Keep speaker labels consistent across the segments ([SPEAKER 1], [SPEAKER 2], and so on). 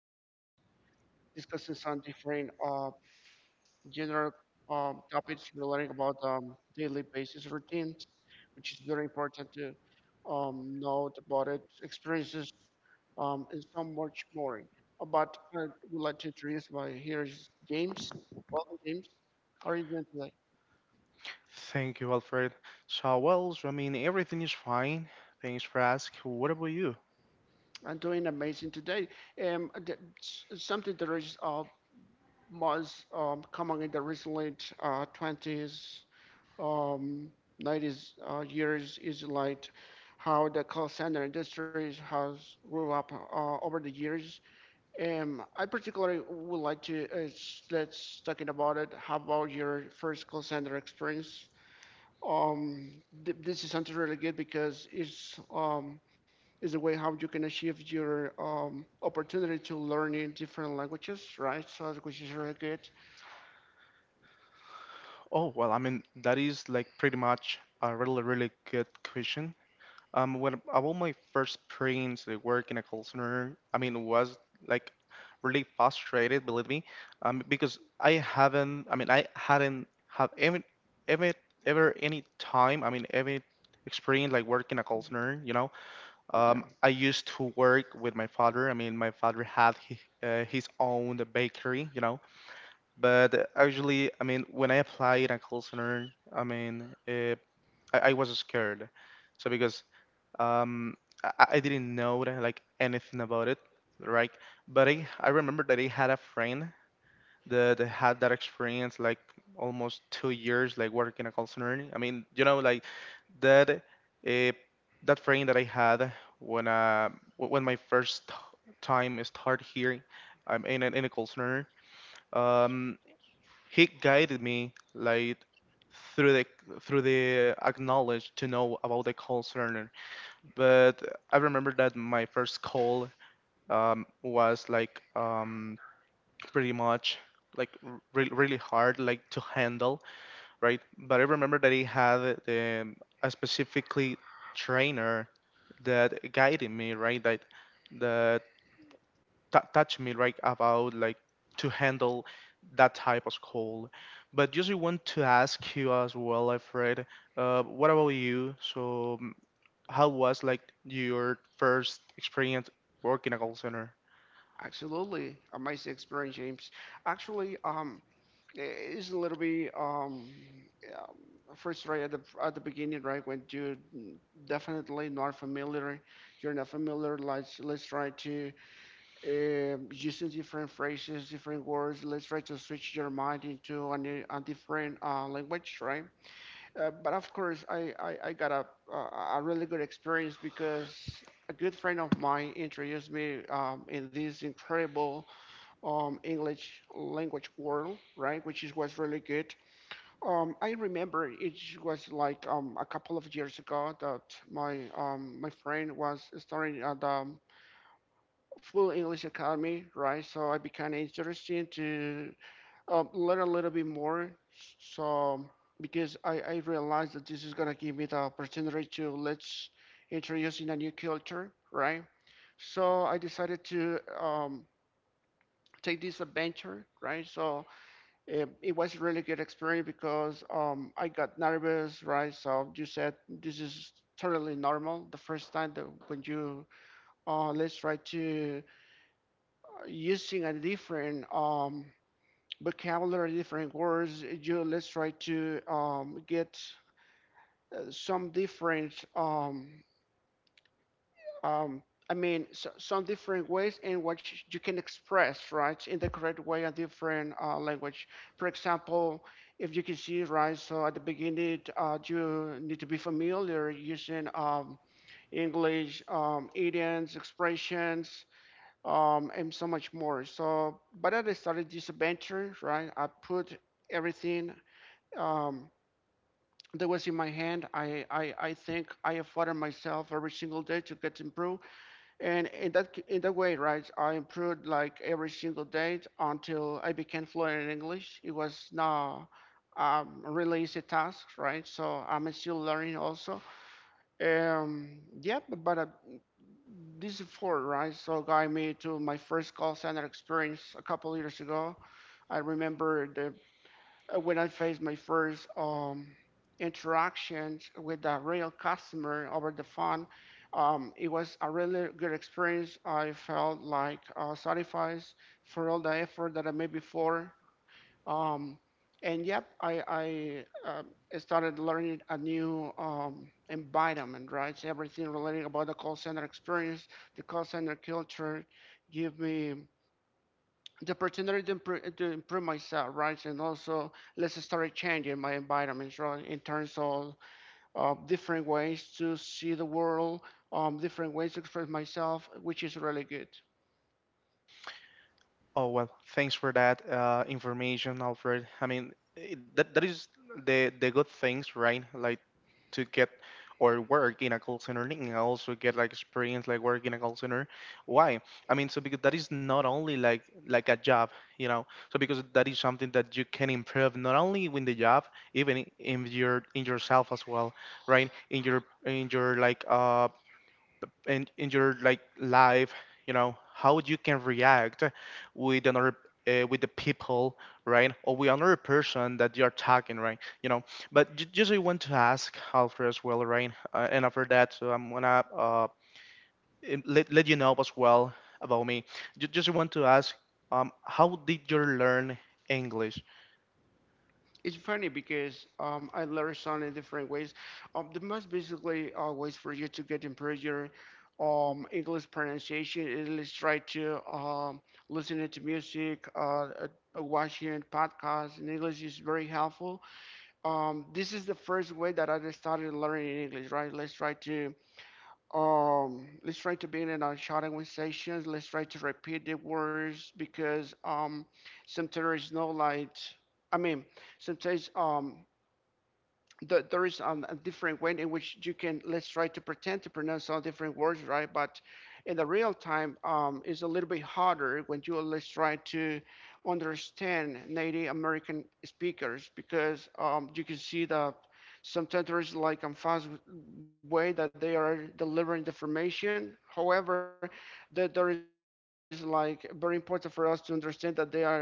[SPEAKER 1] Alfred, discussing some different general topics relating about daily basis routines, which is very important to know about it, experiences, and so much more. But I would like to introduce my here is James. Welcome, James. How are you doing today?
[SPEAKER 2] Thank you, Alfred. Everything is fine. Thanks for asking. What about you?
[SPEAKER 1] I'm doing amazing today. Something that is was coming in the recent 20s, um, 90s years is like how the call center industry has grew up over the years. And I particularly would like to let's talking about it. How about your first call center experience? This is something really good because it's is a way how you can achieve your opportunity to learn in different languages, right? So which is really good.
[SPEAKER 2] That is like pretty much a really, really good question. When about my first experience to work in a call center, was like really frustrated, believe me, because I hadn't have any, ever, ever any time, any experience like working a call center,
[SPEAKER 1] Yeah.
[SPEAKER 2] I used to work with my father. I mean, my father had his own bakery, But actually, when I applied at call center, I was scared. So because um, I didn't know like anything about it, right? But I remember that I had a friend that they had that experience like almost 2 years like working in a call center. That uh, that friend that I had when when my first time start here, I'm in an in a call center. Um, he guided me like through the through the acknowledge to know about the call center. But I remember that my first call was like pretty much like really hard like to handle, right? But I remember that he had a specifically trainer that guided me, right? That that touched me, right, about like to handle that type of call. But just I want to ask you as well, Alfred, what about you? How was like your first experience working a call center?
[SPEAKER 1] Absolutely amazing experience, James. Actually, it's a little bit um frustrated at the beginning, right? When you definitely not familiar, you're not familiar. Let's try to using different phrases, different words. Let's try to switch your mind into a new, a different language, right? But of course, I got a, a really good experience because a good friend of mine introduced me in this incredible English language world, right? Which is, was really good. I remember it was like a couple of years ago that my my friend was starting at the Full English Academy, right? So I became interested to learn a little bit more. So because I realized that this is gonna give me the opportunity to let's introduce in a new culture, right? So I decided to take this adventure, right? So it was really good experience because I got nervous, right? So you said this is totally normal. The first time that when you let's try to using a different vocabulary, different words, you let's try to get some different. Um, I mean, so, some different ways in which you can express, right, in the correct way, a different language. For example, if you can see, right, so at the beginning, you need to be familiar using English, idioms, expressions, and so much more. So, but as I started this adventure, right, I put everything um, that was in my hand. I think I have fought myself every single day to get improved and in that c- in that way, right, I improved like every single day until I became fluent in English. It was not a really easy task, right? So I'm still learning also. Yeah, but This effort, right, so got me to my first call center experience a couple years ago. I remember the when I faced my first interactions with a real customer over the phone, it was a really good experience. I felt like satisfied for all the effort that I made before. Um, and yep, I started learning a new environment, right? So everything related about the call center experience, the call center culture, give me the opportunity to improve myself, right? And also, let's start changing my environments, right? In terms of different ways to see the world, different ways to express myself, which is really good.
[SPEAKER 2] Oh well, Thanks for that information, Alfred. I mean, it, that that is the good things, right? Like to get or work in a call center and also get like experience like work in a call center. Why? Because that is not only like a job, you know. So because that is something that you can improve not only in the job, even in your in yourself as well, right? In your like in your like life, you know, how you can react with another with the people, right? Or with another person that you're talking right, you know. But just I want to ask Alfred as well, right? And after that, so I'm gonna let you know as well about me. Just I want to ask, how did you learn English?
[SPEAKER 1] It's funny because I learned so many different ways. The most basically ways for you to get improve your English pronunciation is let's try to listening to music, watching podcasts in English is very helpful. This is the first way that I started learning English, right? Let's try to be in our shouting conversations. Let's try to repeat the words because sometimes it's not like I mean, sometimes there is a different way in which you can let's try to pretend to pronounce all different words, right? But in the real time, is a little bit harder when you let's try to understand native American speakers because you can see that sometimes there is like a fast way that they are delivering the information. However, that there is like very important for us to understand that um,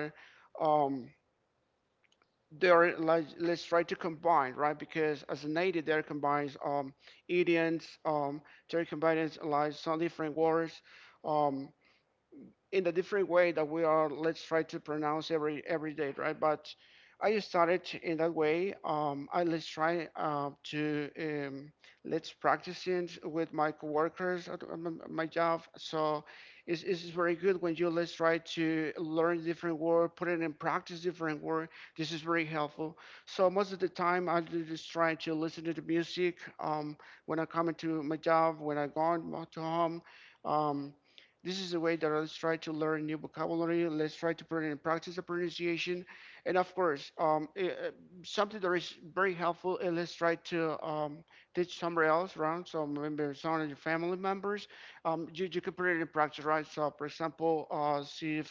[SPEAKER 1] they're like let's try to combine, right? Because as a native there combines idioms, there combines like some different words um in a different way that we are let's try to pronounce every day, right? But I started in that way. I let's try to let's practice it with my coworkers at my job. So it's very good when you let's try to learn different word, put it in practice different word. This is very helpful. So most of the time I just try to listen to the music, when I come into my job, when I go to home. um, this is the way that let's try to learn new vocabulary. Let's try to put it in practice the pronunciation, and of course, something that is very helpful. And let's try to teach somebody else around. So maybe some of your family members, you can put it in practice, right? So for example, see if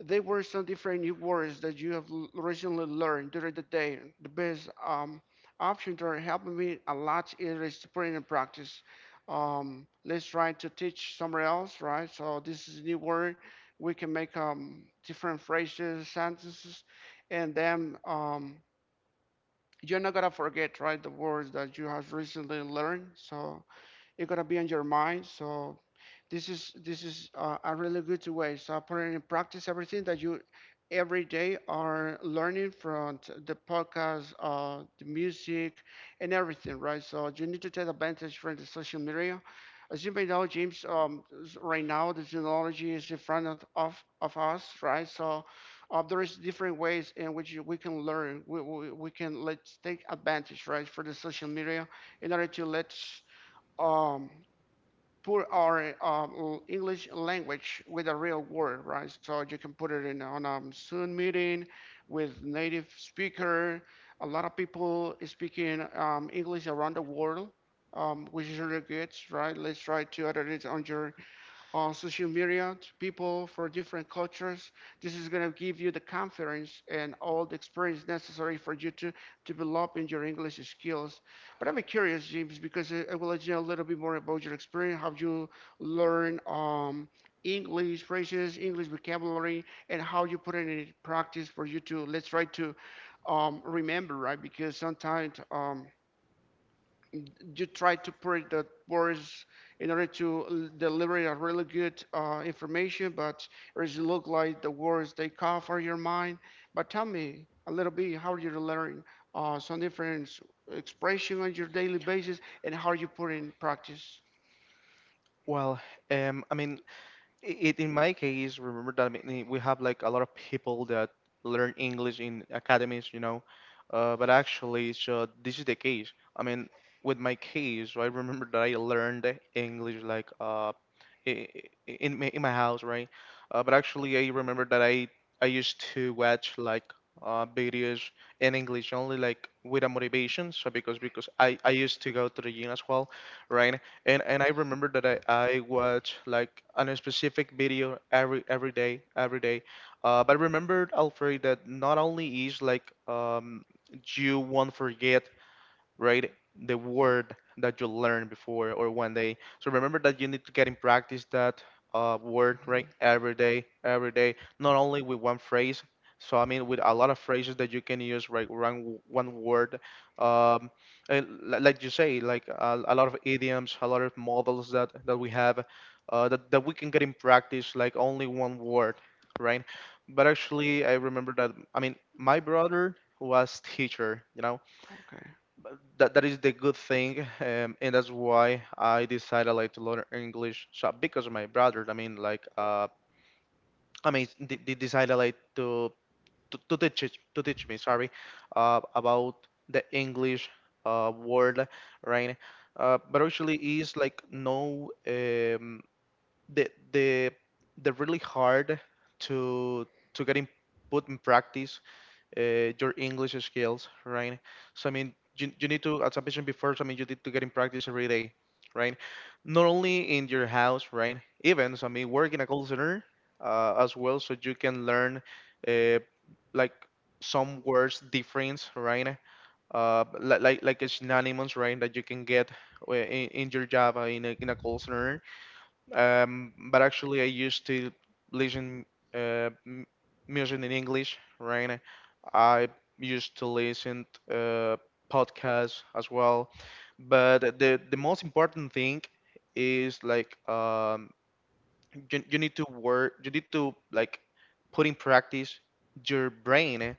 [SPEAKER 1] they were some different new words that you have recently learned during the day. The best option that helped me a lot is to put it in practice. Let's try to teach somewhere else, right? So this is a new word. We can make different phrases, sentences, and then you're not gonna forget, right, the words that you have recently learned. So it's gonna be on your mind. So this is a really good way. So putting in practice everything that you every day are learning from the podcast, the music, and everything, right? So you need to take advantage from the social media. As you may know, James, right now the technology is in front of us, right? So there is different ways in which we can learn. We can let's take advantage, right, for the social media in order to let um, put our English language with a real word, right? So you can put it in on a Zoom meeting with native speaker. A lot of people speaking English around the world, which is really good, right? Let's try to adapt it on your on social media to people for different cultures. This is going to give you the confidence and all the experience necessary for you to develop in your English skills. But I'm curious, James, because I would like to know a little bit more about your experience, how you learn English phrases, English vocabulary, and how you put it in practice for you to let's try to remember, right? Because sometimes you try to put the words in order to deliver a really good information, but it look like the words they cover your mind. But tell me a little bit how you learn some different expression on your daily basis and how you put in practice.
[SPEAKER 2] Well um, i mean it in my case, remember that we have like a lot of people that learn English in academies, you know. But actually, so this is the case. With my case, I remember that I learned English like, i- in, in my house, right? But actually, I remember that I used to watch like videos in English only like with a motivation. Because I used to go to the gym as well, right? And I remember that I watch like a specific video every day every day. But remember Alfred that not only is like, you won't forget, right, the word that you learned before or one day. So remember that you need to get in practice that word, right, every day every day, not only with one phrase. With a lot of phrases that you can use, right? One word, um, and like you say, like, a lot of idioms, a lot of models that we have, that we can get in practice like only one word, right? But actually, I remember that my brother was teacher, you know.
[SPEAKER 1] Okay.
[SPEAKER 2] But that is the good thing, and that's why I decided like to learn English. So because of my brother, they decided like to to teach me, sorry, about the English word, right? But actually, is like no, the the the really hard to get in put in practice your English skills, right? So you, you need to, as I mentioned before, you need to get in practice every day, right? Not only in your house, right? Even, work in a call center as well, so you can learn uh, like some words difference, right? Like like a synonyms, right, that you can get in your job in a call center. But actually, I used to listen uh, m- music in English, right? I used to listen uh, podcasts as well. But the most important thing is like, you, you need to work, you need to like put in practice your brain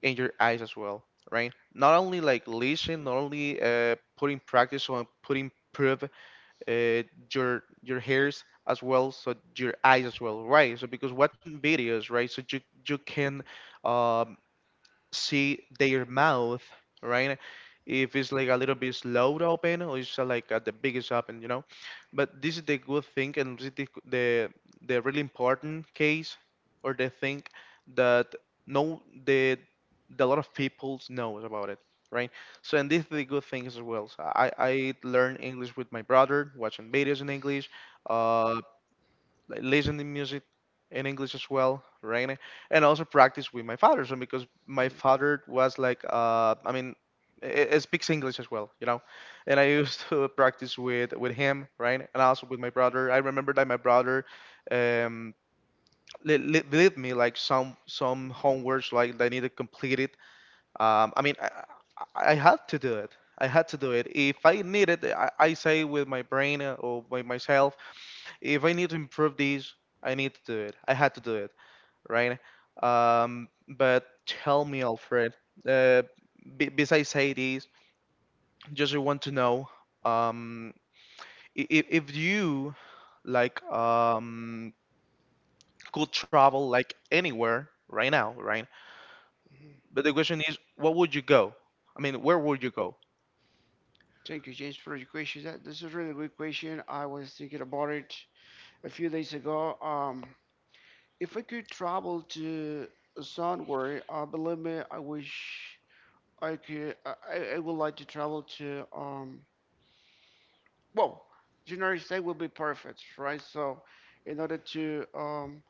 [SPEAKER 2] and your eyes as well, right? Not only like listen, not only put in practice or put in uh, your hairs as well, so your eyes as well, right? So because watching videos, right? So you can, um, see their mouth, right? If it's like a little bit slowed open or it's like at the biggest open, you know. But this is the good thing, and this is the the really important case or the thing that no the lot of people knows about it, right? So and this is the good thing as well. So I learned English with my brother, watching videos in English, uh, like, listen to music in English as well, right? And also practice with my father. So because my father was like, it speaks English as well, you know, and I used to practice with him, right? And also with my brother. I remember that my brother, um, leave me like some homeworks like that I need to complete it. Um, I mean, I, I had to do it. I had to do it. If I needed, I say with my brain or by myself, if I need to improve these, I need to do it. I had to do it, right? But tell me, Alfred. Uh, Besides Hades, just I want to know, um, if you like could travel like anywhere right now, right?
[SPEAKER 1] Mhm.
[SPEAKER 2] But the question is, what would you go? I mean, where would you go?
[SPEAKER 1] Thank you, James, for your question. That this is a really good question. I was thinking about it a few days ago. If I could travel to somewhere, believe me, I wish I could I would like to travel to well, United States will be perfect, right? So in order to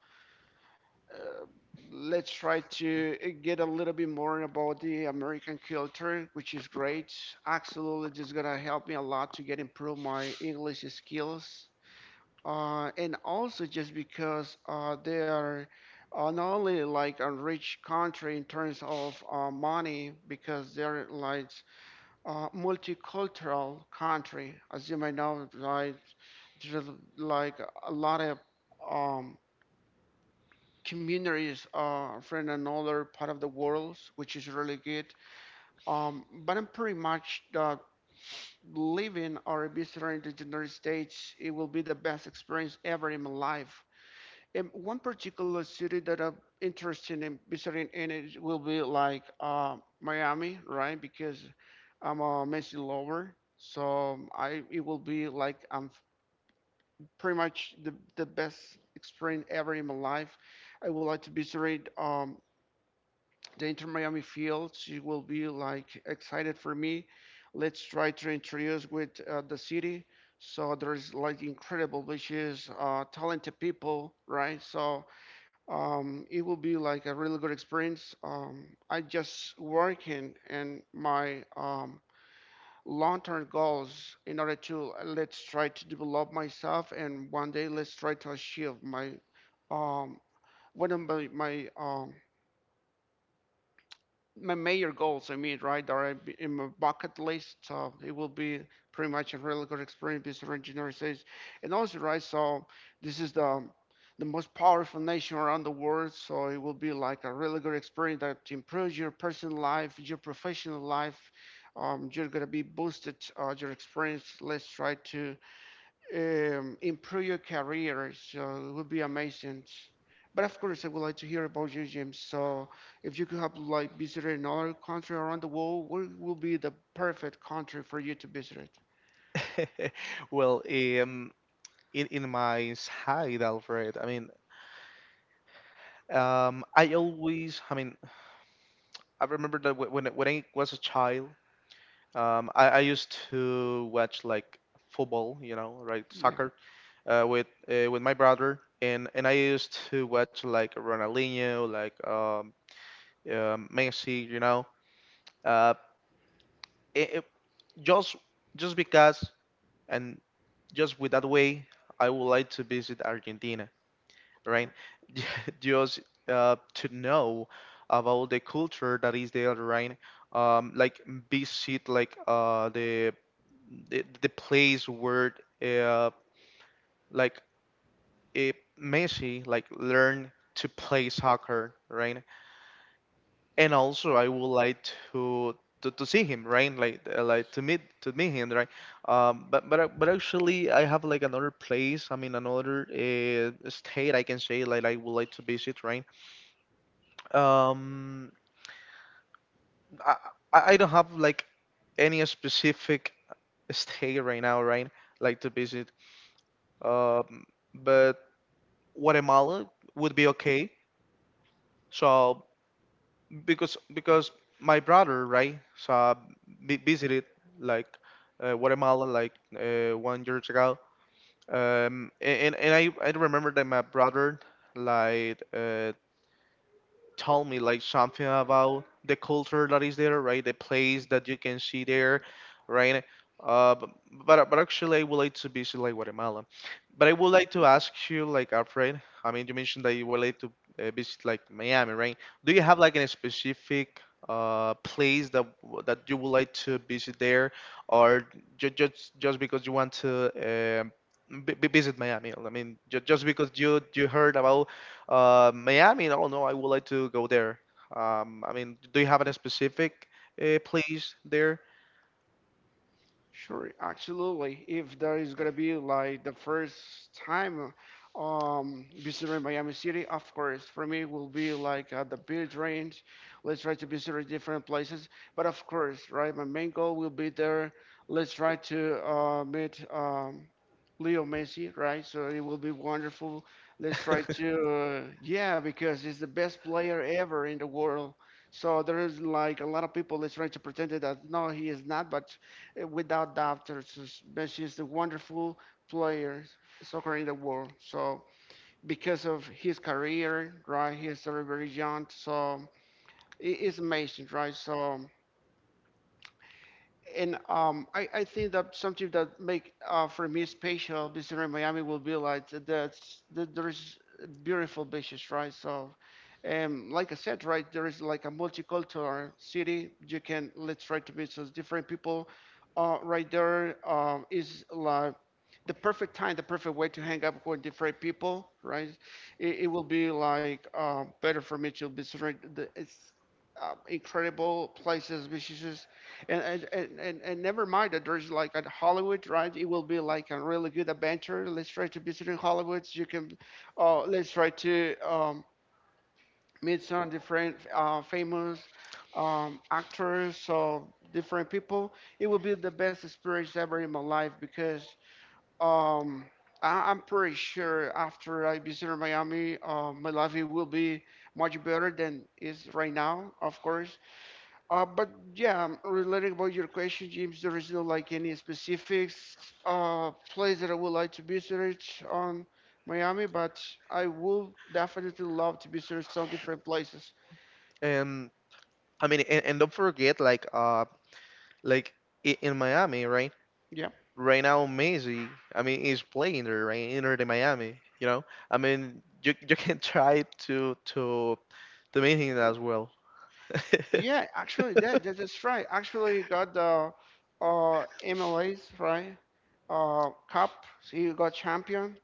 [SPEAKER 1] uh, let's try to get a little bit more about the American culture, which is great. Absolutely, just gonna help me a lot to get improve my English skills. And also just because they are not only like a rich country in terms of money, because they're like multicultural country. As you may know, like there's like a lot of um, communities from another part of the world, which is really good. But I'm pretty much living or visiting the United States. It will be the best experience ever in my life. One particular city that I'm interested in visiting in it will be like Miami, right? Because I'm a Messi lover, so I it will be like I'm pretty much the best experience ever in my life. I would like to visit the Inter Miami fields. It will be like excited for me. Let's try to introduce with the city. So there's like incredible beaches, talented people, right? So it will be like a really good experience. I just working and my long-term goals in order to let's try to develop myself and one day let's try to achieve my um, one of my my major goals, I mean, right, are in my bucket list. So it will be pretty much a really good experience because of engineering studies. And also, right, so this is the most powerful nation around the world. So it will be like a really good experience that improves your personal life, your professional life. You're gonna be boosted your experience. Let's try to improve your career. So it would be amazing. But of course, I would like to hear about you, James. So if you could have like visited another country around the world, what will be the perfect country for you to visit?
[SPEAKER 2] Well, um, in my side, Alfred. Um, I always, I mean, I remember that when when I was a child, I used to watch like football, you know, right,
[SPEAKER 1] Yeah.
[SPEAKER 2] soccer, with my brother, and I used to watch like Ronaldinho, like Messi, you know, uh, it, it- just just because and just with that way, I would like to visit Argentina, right? Just to know about the culture that is there, right? Like visit like the place where uh, like it Messi like learn to play soccer, right? And also I would like to. To see him right, like to meet him, right? But but actually, I have like another place. Another state, I can say, like I would like to visit, right? Um, I I don't have like any specific state right now, right? Like to visit. Um, but Guatemala would be okay. So because my brother, right? So I visited like Guatemala like 1 year ago. And I remember that my brother like, tell me like something about the culture that is there, right? The place that you can see there, right? Uh, b- but actually, I would like to visit like Guatemala. But I would like to ask you, like, Alfred. I mean, you mentioned that you would like to visit like Miami, right? Do you have like a specific place that that you would like to visit there, or just because you want to, um, visit Miami? I mean, just because you heard about Miami, I don't know. I would like to go there. I mean, do you have any specific place there?
[SPEAKER 1] Sure, absolutely. If that is gonna be like the first time visiting Miami City, of course, for me will be like at the beach range. Let's try to visit different places. But of course, right, my main goal will be there. Let's try to meet Leo Messi, right? So it will be wonderful. Let's try to yeah, because he's the best player ever in the world. So there is like a lot of people that's trying to pretend that no, he is not, but without doubt, but she's a wonderful player, soccer in the world. So because of his career, right, he's still very young. So it is amazing, right? So and I think that something that make for me special visiting Miami will be like that there is beautiful beaches, right? So, like I said, right, there is like a multicultural city. You can let's try to meet those different people. Right there is like the perfect time, the perfect way to hang up with different people, right? It will be like better for me to visit right, the it's incredible places, visitors, and never mind that there's like at Hollywood, right? It will be like a really good adventure. Let's try to visit in Hollywood. You can, let's try to meet some different famous actors or different people. It will be the best experience ever in my life because um, I'm pretty sure after I visit Miami, my life it will be much better than is right now, of course but yeah, relating about your question, James, there is no like any specifics place that I would like to visit on Miami, but I would definitely love to visit some different places.
[SPEAKER 2] And don't forget, like, like in Miami, right?
[SPEAKER 1] Yeah,
[SPEAKER 2] Right now, Messi, I mean, is playing there, right? Inter de Miami, you know. You you can try to to meet him as well.
[SPEAKER 1] yeah, actually, that's right. Actually, you got the MLAs right, Cup, so you got champion,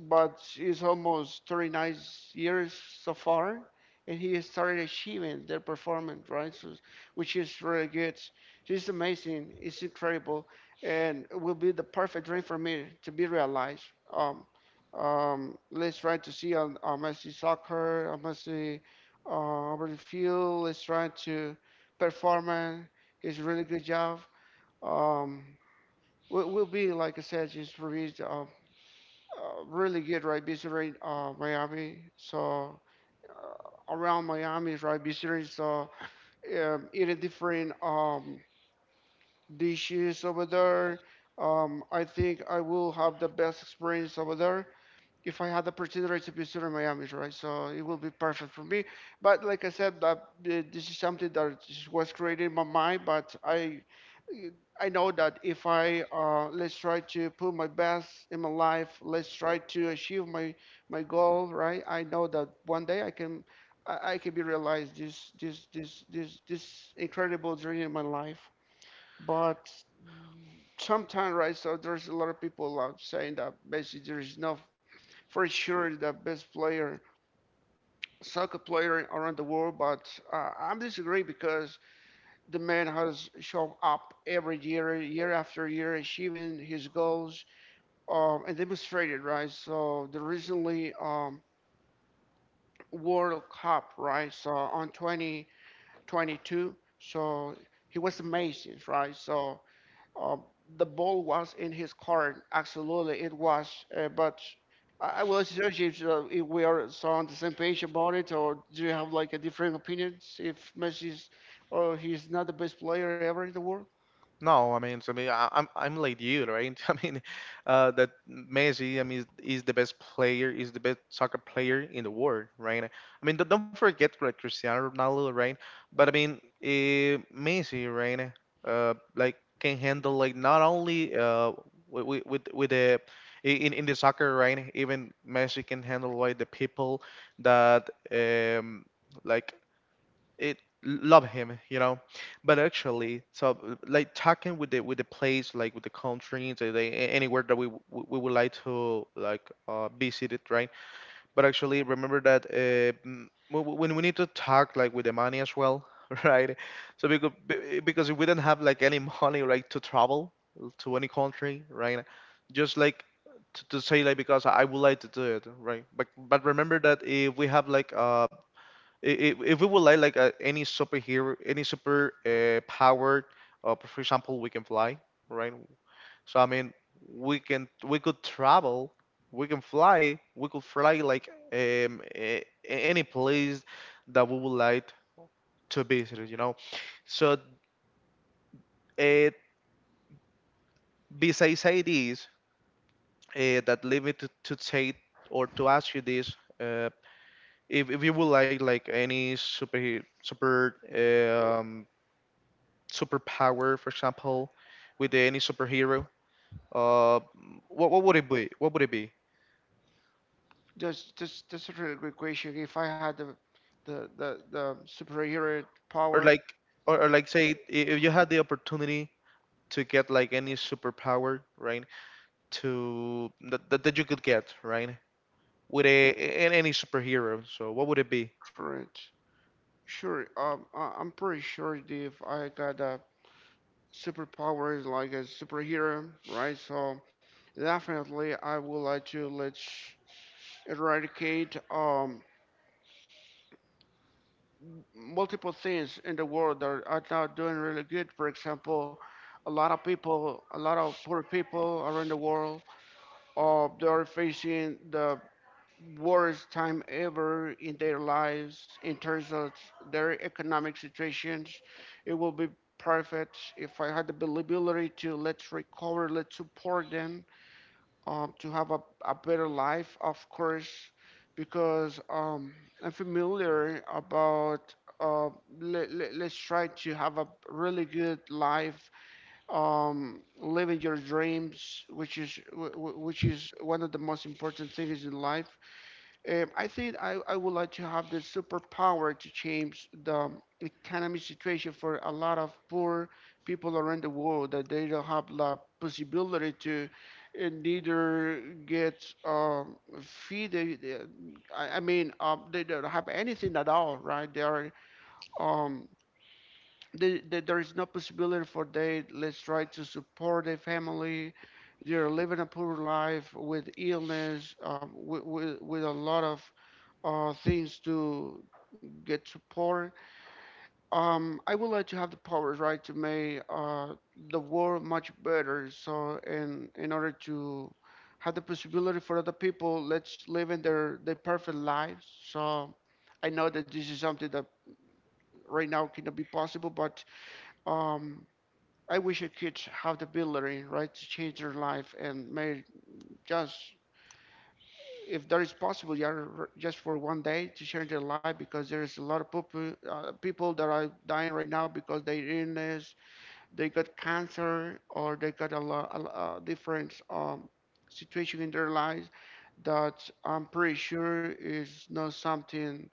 [SPEAKER 1] but it's almost 39 years so far, and he has started achieving their performance, right? So, which is really good. So it's amazing. It's incredible, and it will be the perfect dream for me to be realized. Um, let's try to see on Messi soccer, on Messi over the field. Let's try to perform. It's a really good job. Um, will be like I said, just for me really good, right? Visiting Miami. So around Miami, right? Visiting. So eating different dishes over there. I think I will have the best experience over there if I had the opportunity to be still in Miami, right? So it will be perfect for me. But like I said, this is something that just was created in my mind. But I know that if I let's try to put my best in my life, let's try to achieve my goal, right? I know that one day I can. I can be realized this incredible dream in my life, but sometimes right so there's a lot of people out saying that basically there is no for sure the best player, soccer player around the world. But I'm disagree because the man has shown up every year, year after year, achieving his goals and demonstrated right. So the recently World Cup right, so on 2022, so he was amazing right. So Um, the ball was in his court. Absolutely, it was. But I will suggest if we are so on the same page about it, or do you have like a different opinions if Messi's or he's not the best player ever in the world?
[SPEAKER 2] No, I'm like you, right? I mean, that Messi, I mean, is the best player, is the best soccer player in the world, right? I mean, don't forget like Cristiano Ronaldo, right? But I mean, Messi, right? Like, can handle, like, not only with the in the soccer, right? Even Messi can handle, like, the people that like it love him. But actually, so, like, talking with the place, like, with the countries, anywhere that we would like to, like, visit it, right. But actually, remember that, mm, when we need to talk, like, with the money as well, right. So, because if we don't have, like, any money, like, to travel to any country, right. Just, like, to say, like, because I would like to do it, right. But remember that if we have, like, if we would any superhero, any super, power, for example, we can fly, right. So, I mean, we can, we could travel, we can fly, we could fly, like, any place that we would like to visit. So, uh, besides ideas, that lead me to take, or to ask you this, uh, if you would like any superpower, for example, with any superhero, uh, what would it be? What would it be?
[SPEAKER 1] That's a really good question. If I had the superhero
[SPEAKER 2] Or
[SPEAKER 1] power,
[SPEAKER 2] like, say, if you had the opportunity to get, like, any superpower, right? That you could get, right? With a In any superhero, so what would it be?
[SPEAKER 1] correct? Sure. I'm pretty sure if I got a superpowers like a superhero, right? So definitely, I would like to let's eradicate multiple things in the world that are not doing really good. For example, a lot of people, a lot of poor people around the world, they are facing the worst time ever in their lives in terms of their economic situations. It will be perfect if I had the ability to let's recover, let's support them to have a better life, of course, because I'm familiar about. Uh, let's try to have a really good life, living your dreams, which is which is one of the most important things in life I, think I would like to have the superpower to change the economy situation for a lot of poor people around the world that they don't have the possibility to neither get feed. I mean, they don't have anything at all, right? They are um, there is no possibility for they let's try to support their family. They're living a poor life with illness, with a lot of things to get support. I would like to have the powers, right, to make the world much better. So, in order to have the possibility for other people, let's live in their perfect lives. So, I know that this is something that right now cannot be possible, but um, I wish I could have the ability, right, to change their life and make just if that is possible, yeah, just for one day to change their life because there's a lot of people, people that are dying right now because they illness, they got cancer, or they got a lot different situation in their lives that I'm pretty sure is not something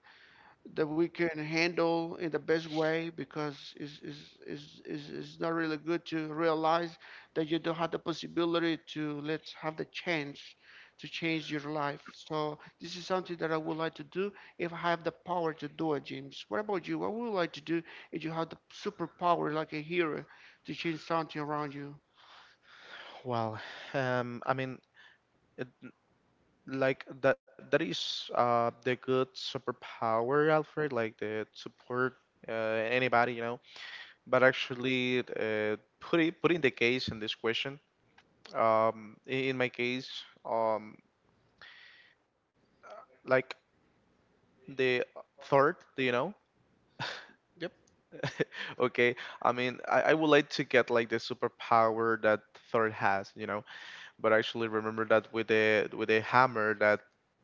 [SPEAKER 1] that we can handle in the best way because it's not really good to realize that you don't have the possibility to let's have the chance to change your life. So this is something that I would like to do if I have the power to do it, James. What about you? What would you like to do if you had the superpower like a hero to change something around you?
[SPEAKER 2] Well, I mean, it, like, that is the good superpower, Alfred. Like the support, anybody, but actually, putting the case in this question, in my case, um, like, the third, do you know?
[SPEAKER 1] Yep.
[SPEAKER 2] Okay. I mean, I would like to get, like, the superpower that third has. But I actually remember that with the hammer that,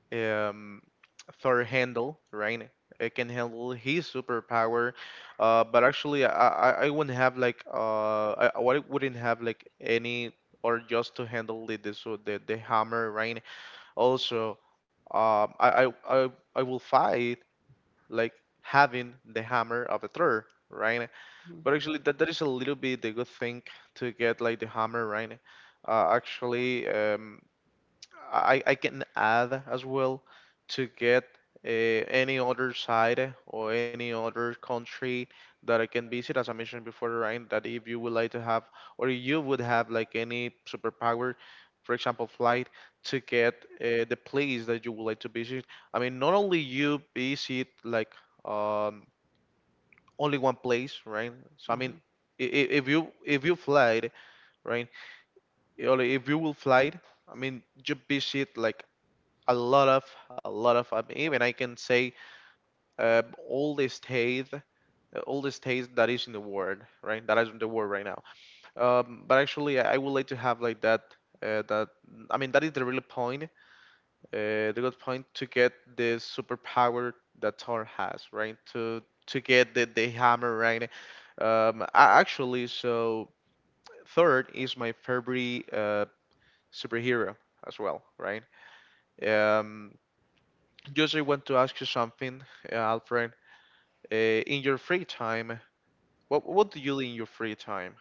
[SPEAKER 2] um, Thor handle, right? It can handle his superpower. But actually, I wouldn't have, like, I wouldn't have like any, or just to handle the so the hammer, right? Also, um, I, I I I will fight, like, having the hammer of a Thor, right? But actually, that is a little bit the good thing to get, like, the hammer, right? Actually, I can add as well to get, any other side or any other country that I can visit, as I mentioned before, right? That if you would like to have, or you would have, like, any superpower, for example, flight, to get, the place that you would like to visit. I mean, not only you visit, like, um, only one place, right? So I
[SPEAKER 1] Mm-hmm.
[SPEAKER 2] mean, if you fly, right? Or if you will fly, I mean, you visit, like, a lot of a lot of even I can say, um, all this taste uh, all this taste that is in the world, right, that is in the world right now. But actually, I would like to have like that, that, I mean, that is the real point, the good point, to get this superpower that Thor has, right, to get the hammer, right. Actually, so, third is my favorite, superhero as well, right. um Just, I want to ask you something, Alfred. Uh, in your free time, what do you do in your free time?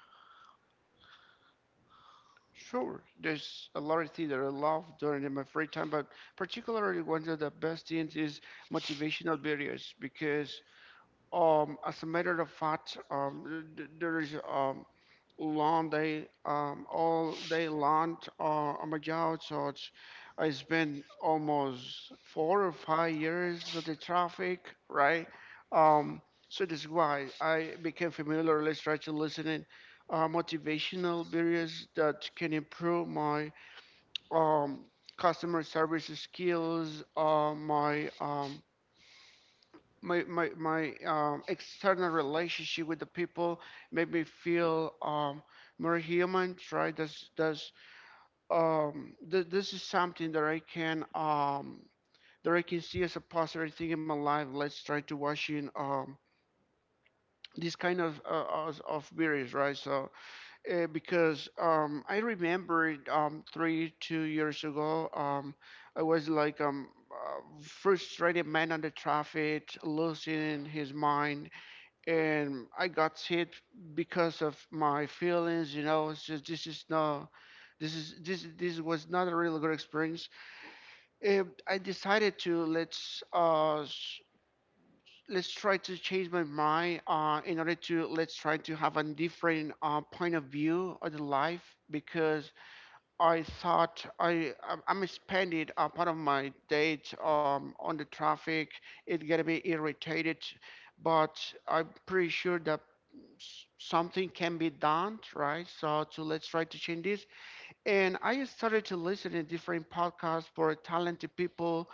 [SPEAKER 1] Sure, there's a lot of things that I love during my free time, but particularly one of the best things is motivational videos because as a matter of fact, there is long day, all day long on my job. So it's been almost 4 or 5 years of the traffic, right? Um, so this is why I became familiar with try to listening motivational videos that can improve my um, customer service skills, my my my my external relationship with the people made me feel more human. Right? This is something that I can see as a positive thing in my life. Let's try to watch in this kind of of videos, right? So because I remember 3 2 years ago, I was like Frustrated man on the traffic, losing his mind, and I got hit because of my feelings. You know, it's just this is no, this is this this was not a really good experience. And I decided to let's try to change my mind in order to let's try to have a different point of view of the life because I thought I'm spending a part of my day on the traffic. It's gonna be irritated, but I'm pretty sure that something can be done, right? So to let's try to change this. And I started to listen to different podcasts for talented people,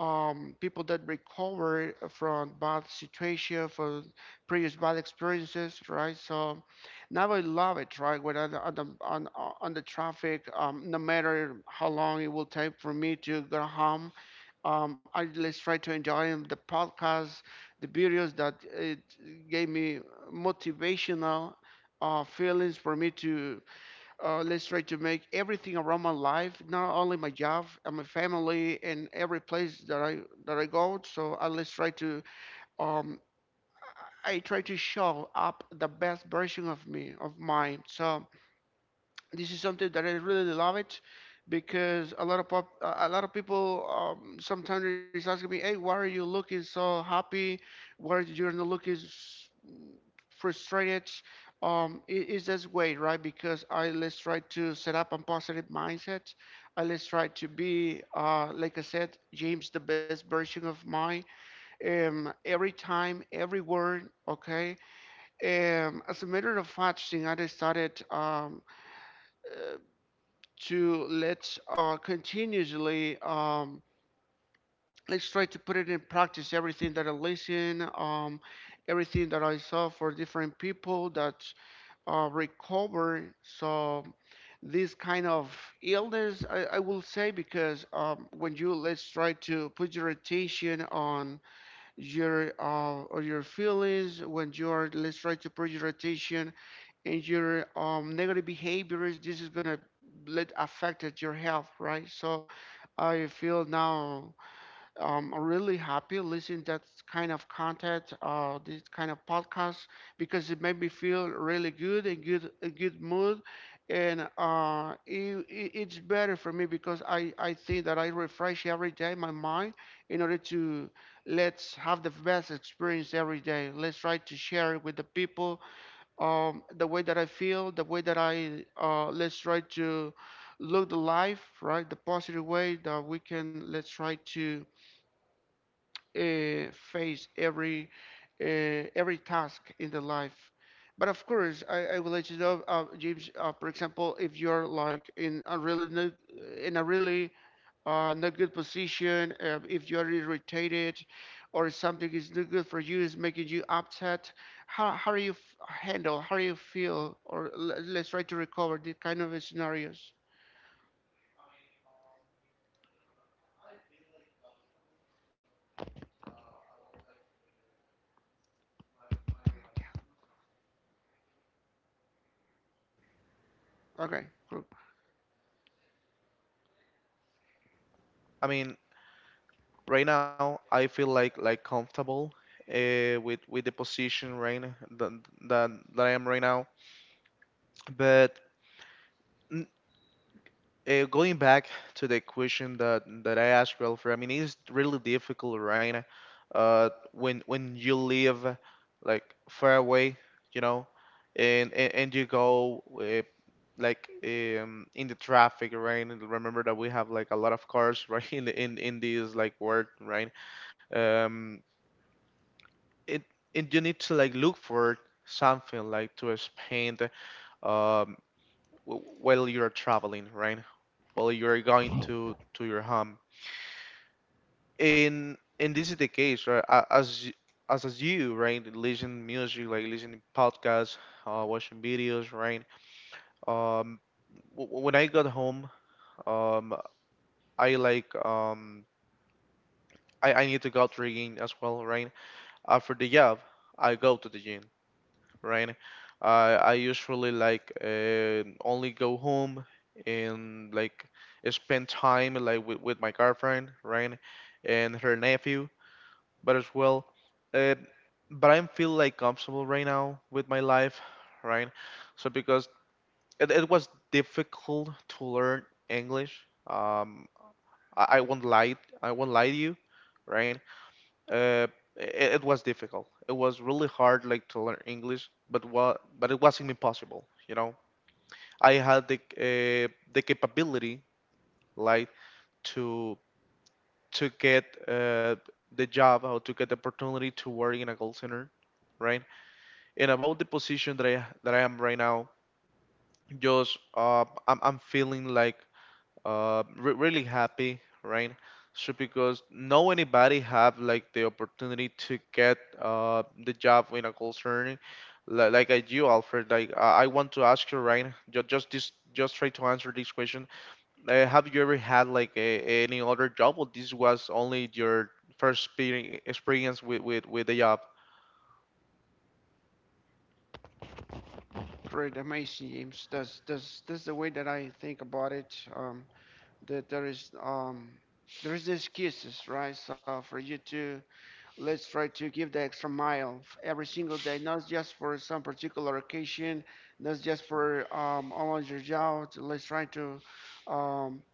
[SPEAKER 1] people that recover from bad situation, from previous bad experiences, right? So now I love it, right? When on the traffic, no matter how long it will take for me to go home, I just try to enjoy the podcast, the videos that it gave me motivational feelings for me to let's try to make everything around my life, not only my job and my family and every place that I go. So I let's try to um, I try to show up the best version of me, of mine. So this is something that I really love it, because a lot of people sometimes is asking me, "Hey, why are you looking so happy? Why you're not looking frustrated?" It is this way, right? Because I let's try to set up a positive mindset. I let's try to be, like I said, James, the best version of mine every time, every word, okay? As a matter of fact, Singade started uh, to let's continuously let's try to put it in practice. Everything that I listen, everything that I saw for different people that recover. So this kind of illness, I will say, because when you let's try to put your attention on your or your feelings when you are let's try to put your attention and your negative behaviors, this is gonna let affect your health, right? So I feel now, I'm really happy listening that kind of content, this kind of podcast, because it made me feel really good and good, a good mood, and it's better for me because I think that I refresh every day my mind in order to let's have the best experience every day. Let's try to share it with the people, the way that I feel, the way that I let's try to look the life, right, the positive way that we can let's try to face every task in the life. But of course, I will let you know, James. For example, if you're like in a really no, in a really not good position, if you're irritated, or something is not good for you, is making you upset, how do you handle, how do you feel, or let's try to recover these kind of scenarios. Okay, cool.
[SPEAKER 2] I mean, right now I feel, like comfortable, with the position, right, that that, that I am right now, but n- going back to the question that I asked Ralph, I mean, it's really difficult, right? When you live, like, far away, you know, and you go, like, in the traffic, right? And remember that we have, like, a lot of cars, right? In the, in this, like, world, right? Um, it And you need to, like, look for something, like, to spend, um while you're traveling, right, while you are going to your home. And this is the case, right? A- As y- as as you, right, listen music, like, listening podcasts, watching videos, right? Um, when I got home, um, I, like, I need to go to the gym as well, right? After the job, I go to the gym, right? I usually, like, only go home, and, like, spend time, like, with my girlfriend, right? And her nephew, but as well, uh, but I'm feel, like, comfortable right now with my life, right? So because it was difficult to learn English, um, I won't lie, I won't lie to you, right? uh, it was difficult. It was really hard, like, to learn English, but but it wasn't impossible. I had the capability, like, to to get, the job, or to get the opportunity to work in a call center, right? And about the position that I am right now, just, I'm feeling, like, really happy, right? So because no anybody have, like, the opportunity to get, the job in a call center, like I do, Alfred. Like, I want to ask you, right? Just this, just try to answer this question. Have you ever had, like, any other job, or this was only your first experience with the job?
[SPEAKER 1] Great, amazing, James. That's the way that I think about it. That there is excuses, right? So for you to let's try to give the extra mile every single day, not just for some particular occasion, not just for all on your job. Let's try to um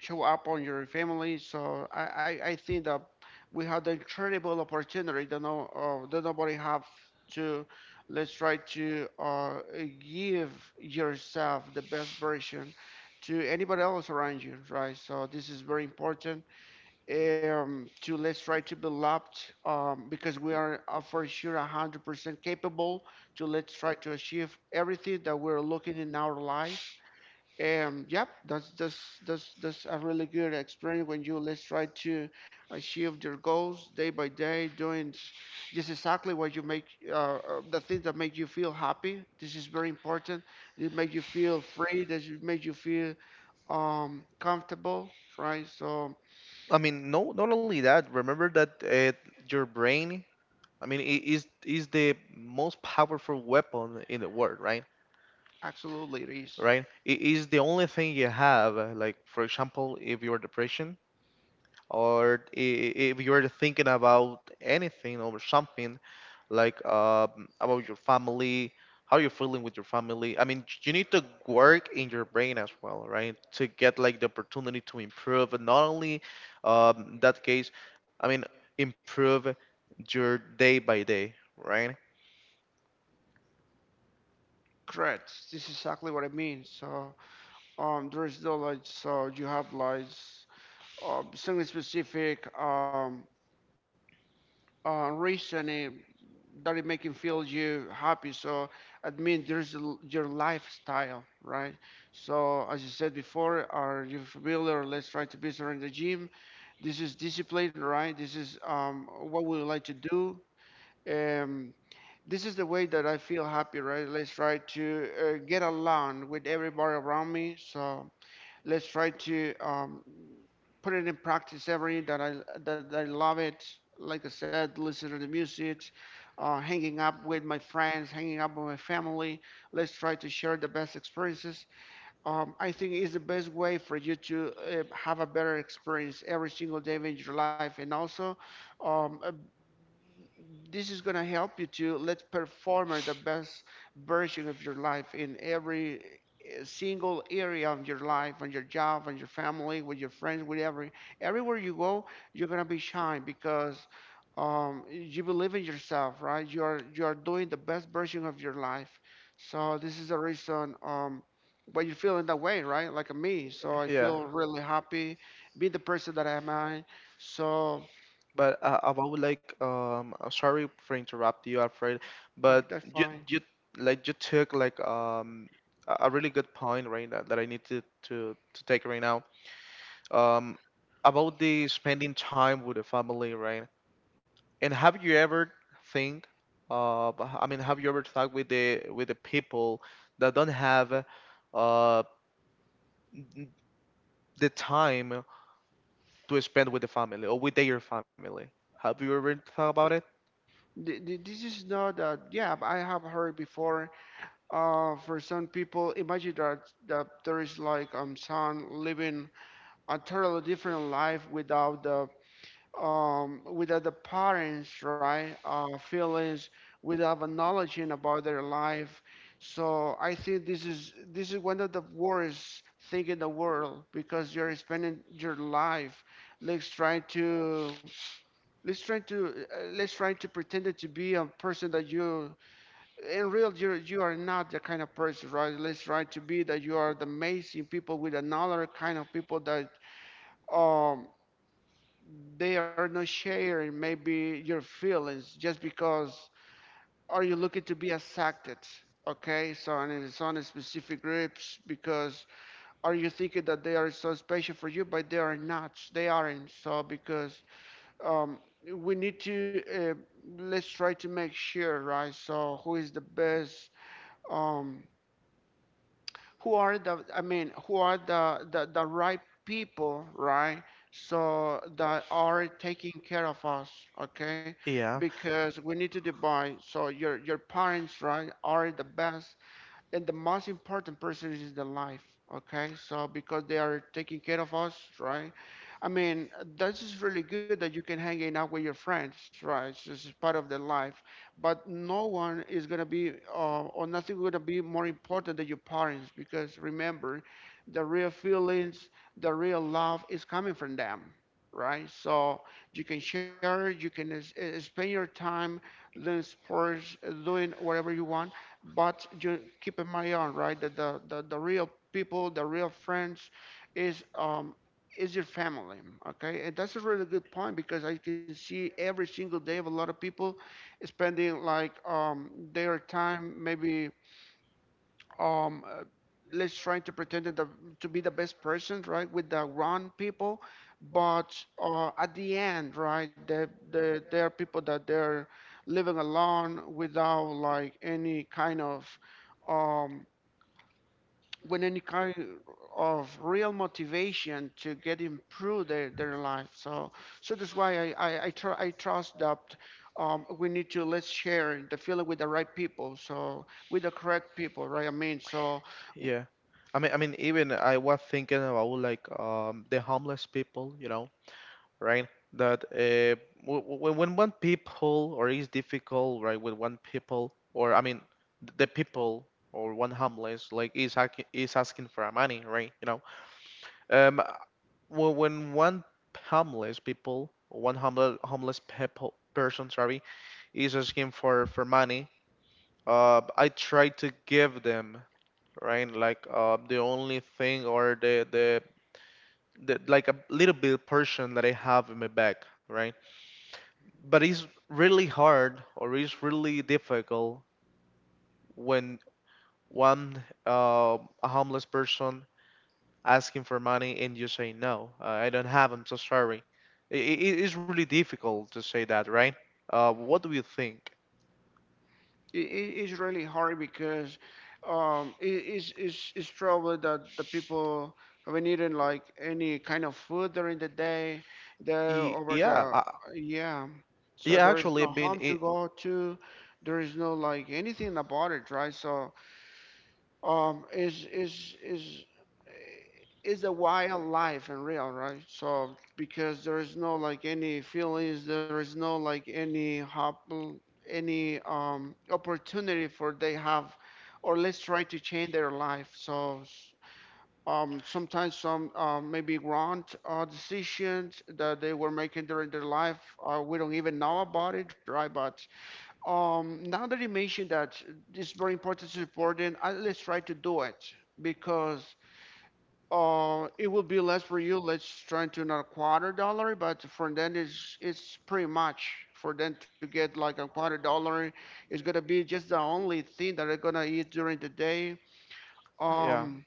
[SPEAKER 1] show up on your family. So I think that we had an incredible opportunity that no that nobody have to let's try to give yourself the best version to anybody else around you, right? So this is very important, to let's try to be loved, because we are for sure 100% capable to let's try to achieve everything that we're looking in our life. Yep, that's a really good experience when you let's try to achieve your goals day by day, doing just exactly what you make uh, uh, the things that make you feel happy. This is very important. It make you feel free. This make you feel comfortable, right? So
[SPEAKER 2] I mean, no, not only that. Remember that, your brain. I mean, is the most powerful weapon in the world, right?
[SPEAKER 1] absolutely, it is
[SPEAKER 2] Right? It is the only thing you have. Like, for example, if you're depression, or if you're thinking about anything or something, like, about your family, how you're feeling with your family. I mean, you need to work in your brain as well, right? To get, like, the opportunity to improve, and not only, that case, I mean, improve your day by day, right?
[SPEAKER 1] correct. This is exactly what I mean. So there is no like so you have like something specific. Rich and that it doesn't make him feel you happy. So admit there's your lifestyle, right? So as you said before, are you familiar? Let's try to be better in the gym. This is discipline, right? This is what we would like to do. Um, this is the way that I feel happy, right? Let's try to get along with everybody around me. So let's try to put it in practice every day, that I love it. Like I said, listen to the music, hanging up with my friends, hanging up with my family. Let's try to share the best experiences. I think is the best way for you to have a better experience every single day in your life, and also um, uh, this is going to help you to let's perform at the best version of your life in every single area of your life, on your job, on your family, with your friends, with everywhere you go, you're going to be shine because you believe in yourself, right? You are doing the best version of your life. So this is the reason why you're feeling that way, right? Like me. So I feel
[SPEAKER 2] Yeah.
[SPEAKER 1] really happy being the person that I am. I. So
[SPEAKER 2] But, about, like, sorry for interrupt you, Alfred,
[SPEAKER 1] all right,
[SPEAKER 2] but
[SPEAKER 1] that's
[SPEAKER 2] you
[SPEAKER 1] fine.
[SPEAKER 2] you like, you took, like, a really good point, right, that, I need to, to take right now. Um, about the spending time with the family, right? And have you ever think, uh I mean, have you ever talked with the people that don't have, uh n- the time to spend with the family or with their family? Have you ever thought about it?
[SPEAKER 1] This is not that. Yeah, I have heard before. For some people, imagine that there is like son living a totally different life without the without the parents, right? Feelings, without acknowledging about their life. So I think this is one of the worst thing in the world because you're spending your life like trying to let's try to pretend it to be a person that you in real you you are not the kind of person, right? Let's try to be that you are the amazing people with another kind of people that um they are not sharing maybe your feelings just because are you looking to be accepted? Okay, so and it's on specific groups because are you thinking that they are so special for you, but they are not. They aren't. So because, um, we need to uh, let's try to make sure, right, so who is the best, um, who are the, I mean, who are the right people, right, so that are taking care of us. Okay,
[SPEAKER 2] Yeah.
[SPEAKER 1] because we need to divide. So your parents, right, are the best, and the most important person is the life. Okay, so because they are taking care of us, right? I mean, that's just really good that you can hang out with your friends, right, it's just part of the life. But no one is going to be or nothing going to be more important than your parents, because remember, the real feelings, the real love is coming from them, right? So you can share, you can spend your time doing sports, doing whatever you want, but you keep in mind, on, right, that the real people, the real friends is, is your family. Okay. And that's a really good point because I can see every single day of a lot of people spending like their time maybe um uh, let's try to pretend to be the best person, right, with the wrong people, but at the end, right, there are people that they're living alone without like any kind of um with any kind of real motivation to get improve their life. So so that's why I trust that we need to let's share the feeling with the right people, so with the correct people, right, I mean so.
[SPEAKER 2] Yeah. I mean, even I was thinking about, like, the homeless people, right? That, when one people, or is difficult, right, with one people, or I mean, the people, or one homeless, like, is hacking, is asking for money, right? You know, um, when one homeless people, one homeless people person, sorry, is asking for money, I try to give them, right? Like, the only thing, or the, like, a little bit portion that I have in my bag, right? But it's really hard, or it's really difficult when one a homeless person asking for money and you say no, I don't have. I'm so sorry. It is really difficult to say that, right? What do you think?
[SPEAKER 1] It is really hard because it is it's is probably that the people have been eating like any kind of food during the day. They over
[SPEAKER 2] Yeah,
[SPEAKER 1] the, yeah, so
[SPEAKER 2] yeah.
[SPEAKER 1] there is
[SPEAKER 2] Actually, I
[SPEAKER 1] no
[SPEAKER 2] mean,
[SPEAKER 1] home to go to. There is no like anything about it, right? So um is is is is a wild life and real, right? So because there is no like any feelings, there is no like any hop, any opportunity for they have or let's try to change their life. So sometimes some maybe wrong decisions that they were making during their life, we don't even know about it, right. But now that you mentioned that, it's very important to support it, let's try to do it because, it will be less for you. Let's try to not a quarter dollar, but for them it's pretty much for them to get like a quarter dollar. It's gonna be just the only thing that they're gonna eat during the day.
[SPEAKER 2] yeah.
[SPEAKER 1] Um,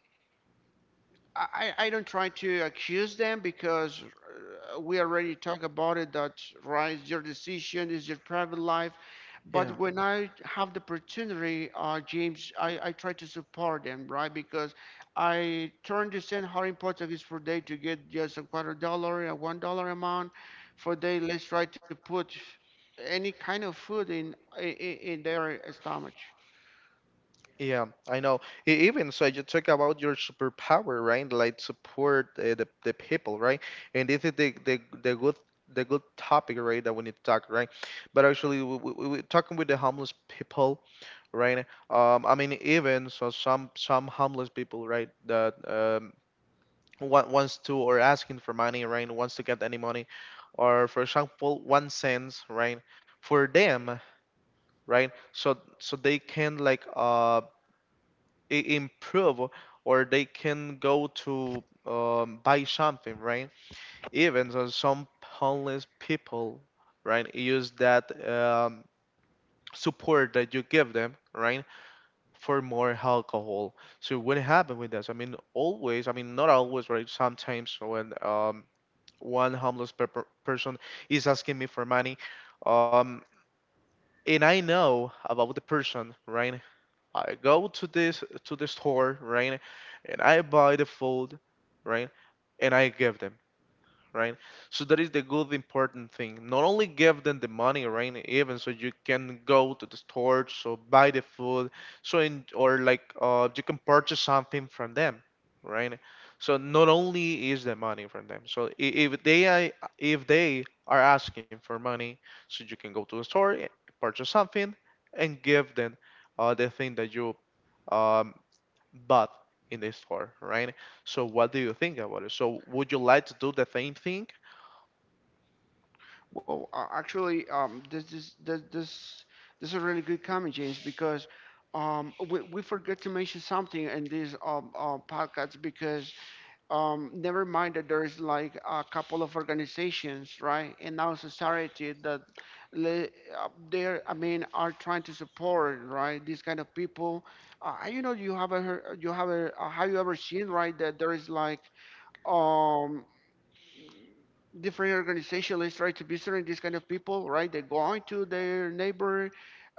[SPEAKER 1] I, I don't try to accuse them because, we already talked about it that right is your decision, is your private life. But
[SPEAKER 2] Yeah.
[SPEAKER 1] when I have the opportunity, James, I try to support them, right, because I turn to understand how important it is for they to get just a quarter dollar, a $1 amount, for they let's try to put any kind of food in their stomach.
[SPEAKER 2] Yeah, I know. Even so, you talk about your superpower, right? Like, support, the people, right? And this is the good topic, right, that we need to talk, right? But actually, we talking with the homeless people, right? I mean, even so, some homeless people, right, that wants to, or asking for money, right? Wants to get any money, or for example, 1 cents, right? For them, right? So they can, like, improve, or they can go to, buy something, right. Even so, some homeless people, right, use that, support that you give them, right, for more alcohol. So what happened with this? I mean, always, I mean, not always, right, sometimes when, one homeless person is asking me for money, um, and I know about the person, right. I go to this to the store, right, and I buy the food, right, and I give them, right. So that is the good important thing. Not only give them the money, right? Even so, you can go to the store, so buy the food, so in, or, like, you can purchase something from them, right? So not only is the money from them. So if they are asking for money, so you can go to the store, purchase something, and give them, the thing that you, um, bought in the store, right. So what do you think about it? So would you like to do the same thing?
[SPEAKER 1] Well, actually, this this is a really good comment, James, because we forget to mention something in these podcasts because never mind that there's like a couple of organizations, right, in our society that le- they're I mean are trying to support right these kind of people. You know, you have a have you ever seen right that there is like um different organization. Let's try to visit these kind of people, right? They go on to their neighbor.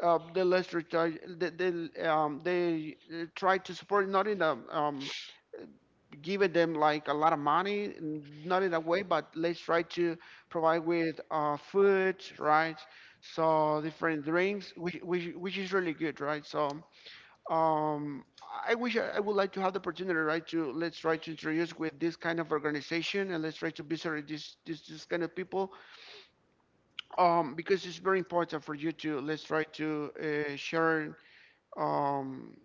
[SPEAKER 1] They let's retry, they try to support not in a, giving them like a lot of money, not in that way, but let's try to provide with food, right? So different drinks, which which is really good, right? So. Um, I wish I would like to have the opportunity, right, to let's try to introduce with this kind of organization and let's try to visit this kind of people, because it's very important for you to let's try to share, um,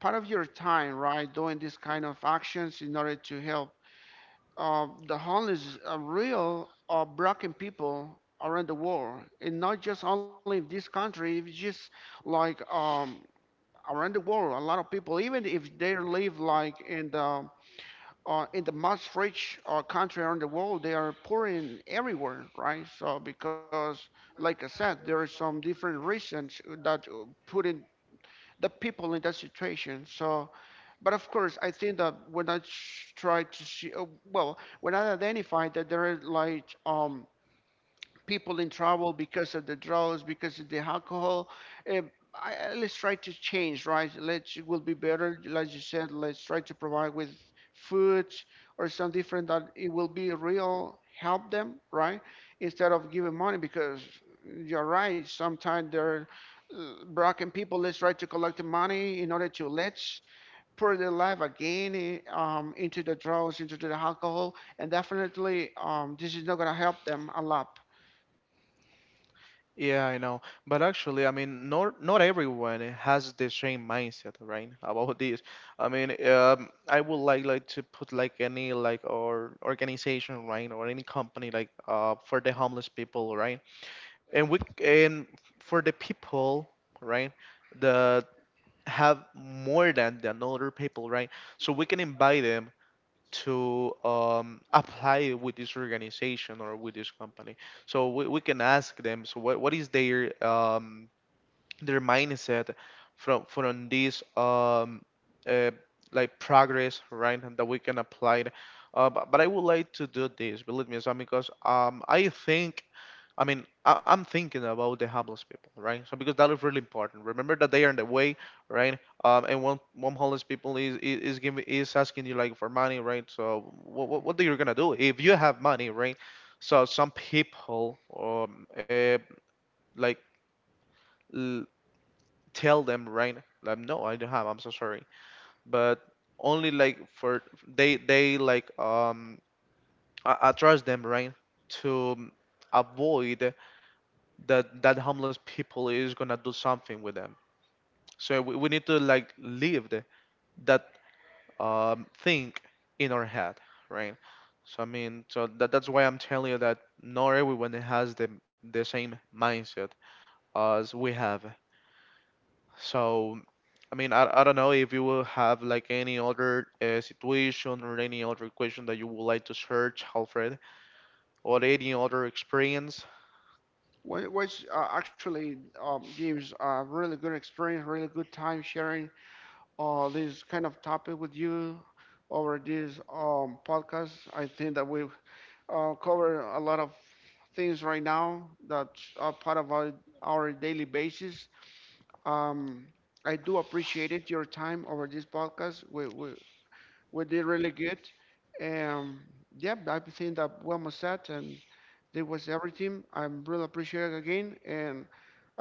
[SPEAKER 1] part of your time, right, doing this kind of actions in order to help the homeless, real broken people around the world, and not just only in this country, it's just like, around the world. A lot of people, even if they live like in the most rich country around the world, they are poor in everywhere, right? So because, like I said, there are some different reasons that put in the people in that situation. So, but of course, I think that when I try to see, well, when I identify that there is like people in trouble because of the drugs, because of the alcohol. Uh, let's try to change, right? Let's it will be better, like you said. Let's try to provide with food or some different that it will be real help them, right? Instead of giving money, because you're right. Sometimes they're broken people. Let's try to collect the money in order to let's pour their life again, into the drugs, into the alcohol, and definitely, this is not going to help them a lot.
[SPEAKER 2] Yeah, I know. But actually, I mean, not everyone has the same mindset, right? About this. I mean, I would like, to put, like, any like or organization, right, or any company, like, for the homeless people, right, and we and for the people, right, that have more than other people, right? So we can invite them to, apply with this organization, or with this company. So we can ask them. So what is their, their mindset from this, uh, like, progress, right, and that we can apply it. But, I would like to do this. Believe me, so because, I think, I mean, I'm thinking about the homeless people, right. So because that is really important. Remember that they are in the way, right. And one homeless people is giving is asking you, like, for money, right? So what are you gonna do if you have money, right? So some people, like, l- tell them, right, like, no, I don't have. I'm so sorry, but only, like, for they like, I trust them, right, to avoid that that homeless people is gonna do something with them. So we need to, like, leave that, thing in our head, right. So I mean, so that's why I'm telling you that not everyone has the same mindset as we have. So I mean, I don't know if you will have, like, any other, situation, or any other question that you would like to search, Alfred, or any other experience.
[SPEAKER 1] Which, actually, gives a really good experience, really good time sharing this kind of topic with you over this, podcast. I think that we've covered a lot of things right now that are part of our daily basis. Um, I do appreciate it, your time over this podcast. We did really good. Um, yeah, I think that we're almost set, and that was everything. I'm really appreciative again, and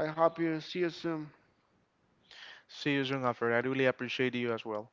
[SPEAKER 1] I hope you see you soon.
[SPEAKER 2] See you soon, Alfred. I really appreciate you as well.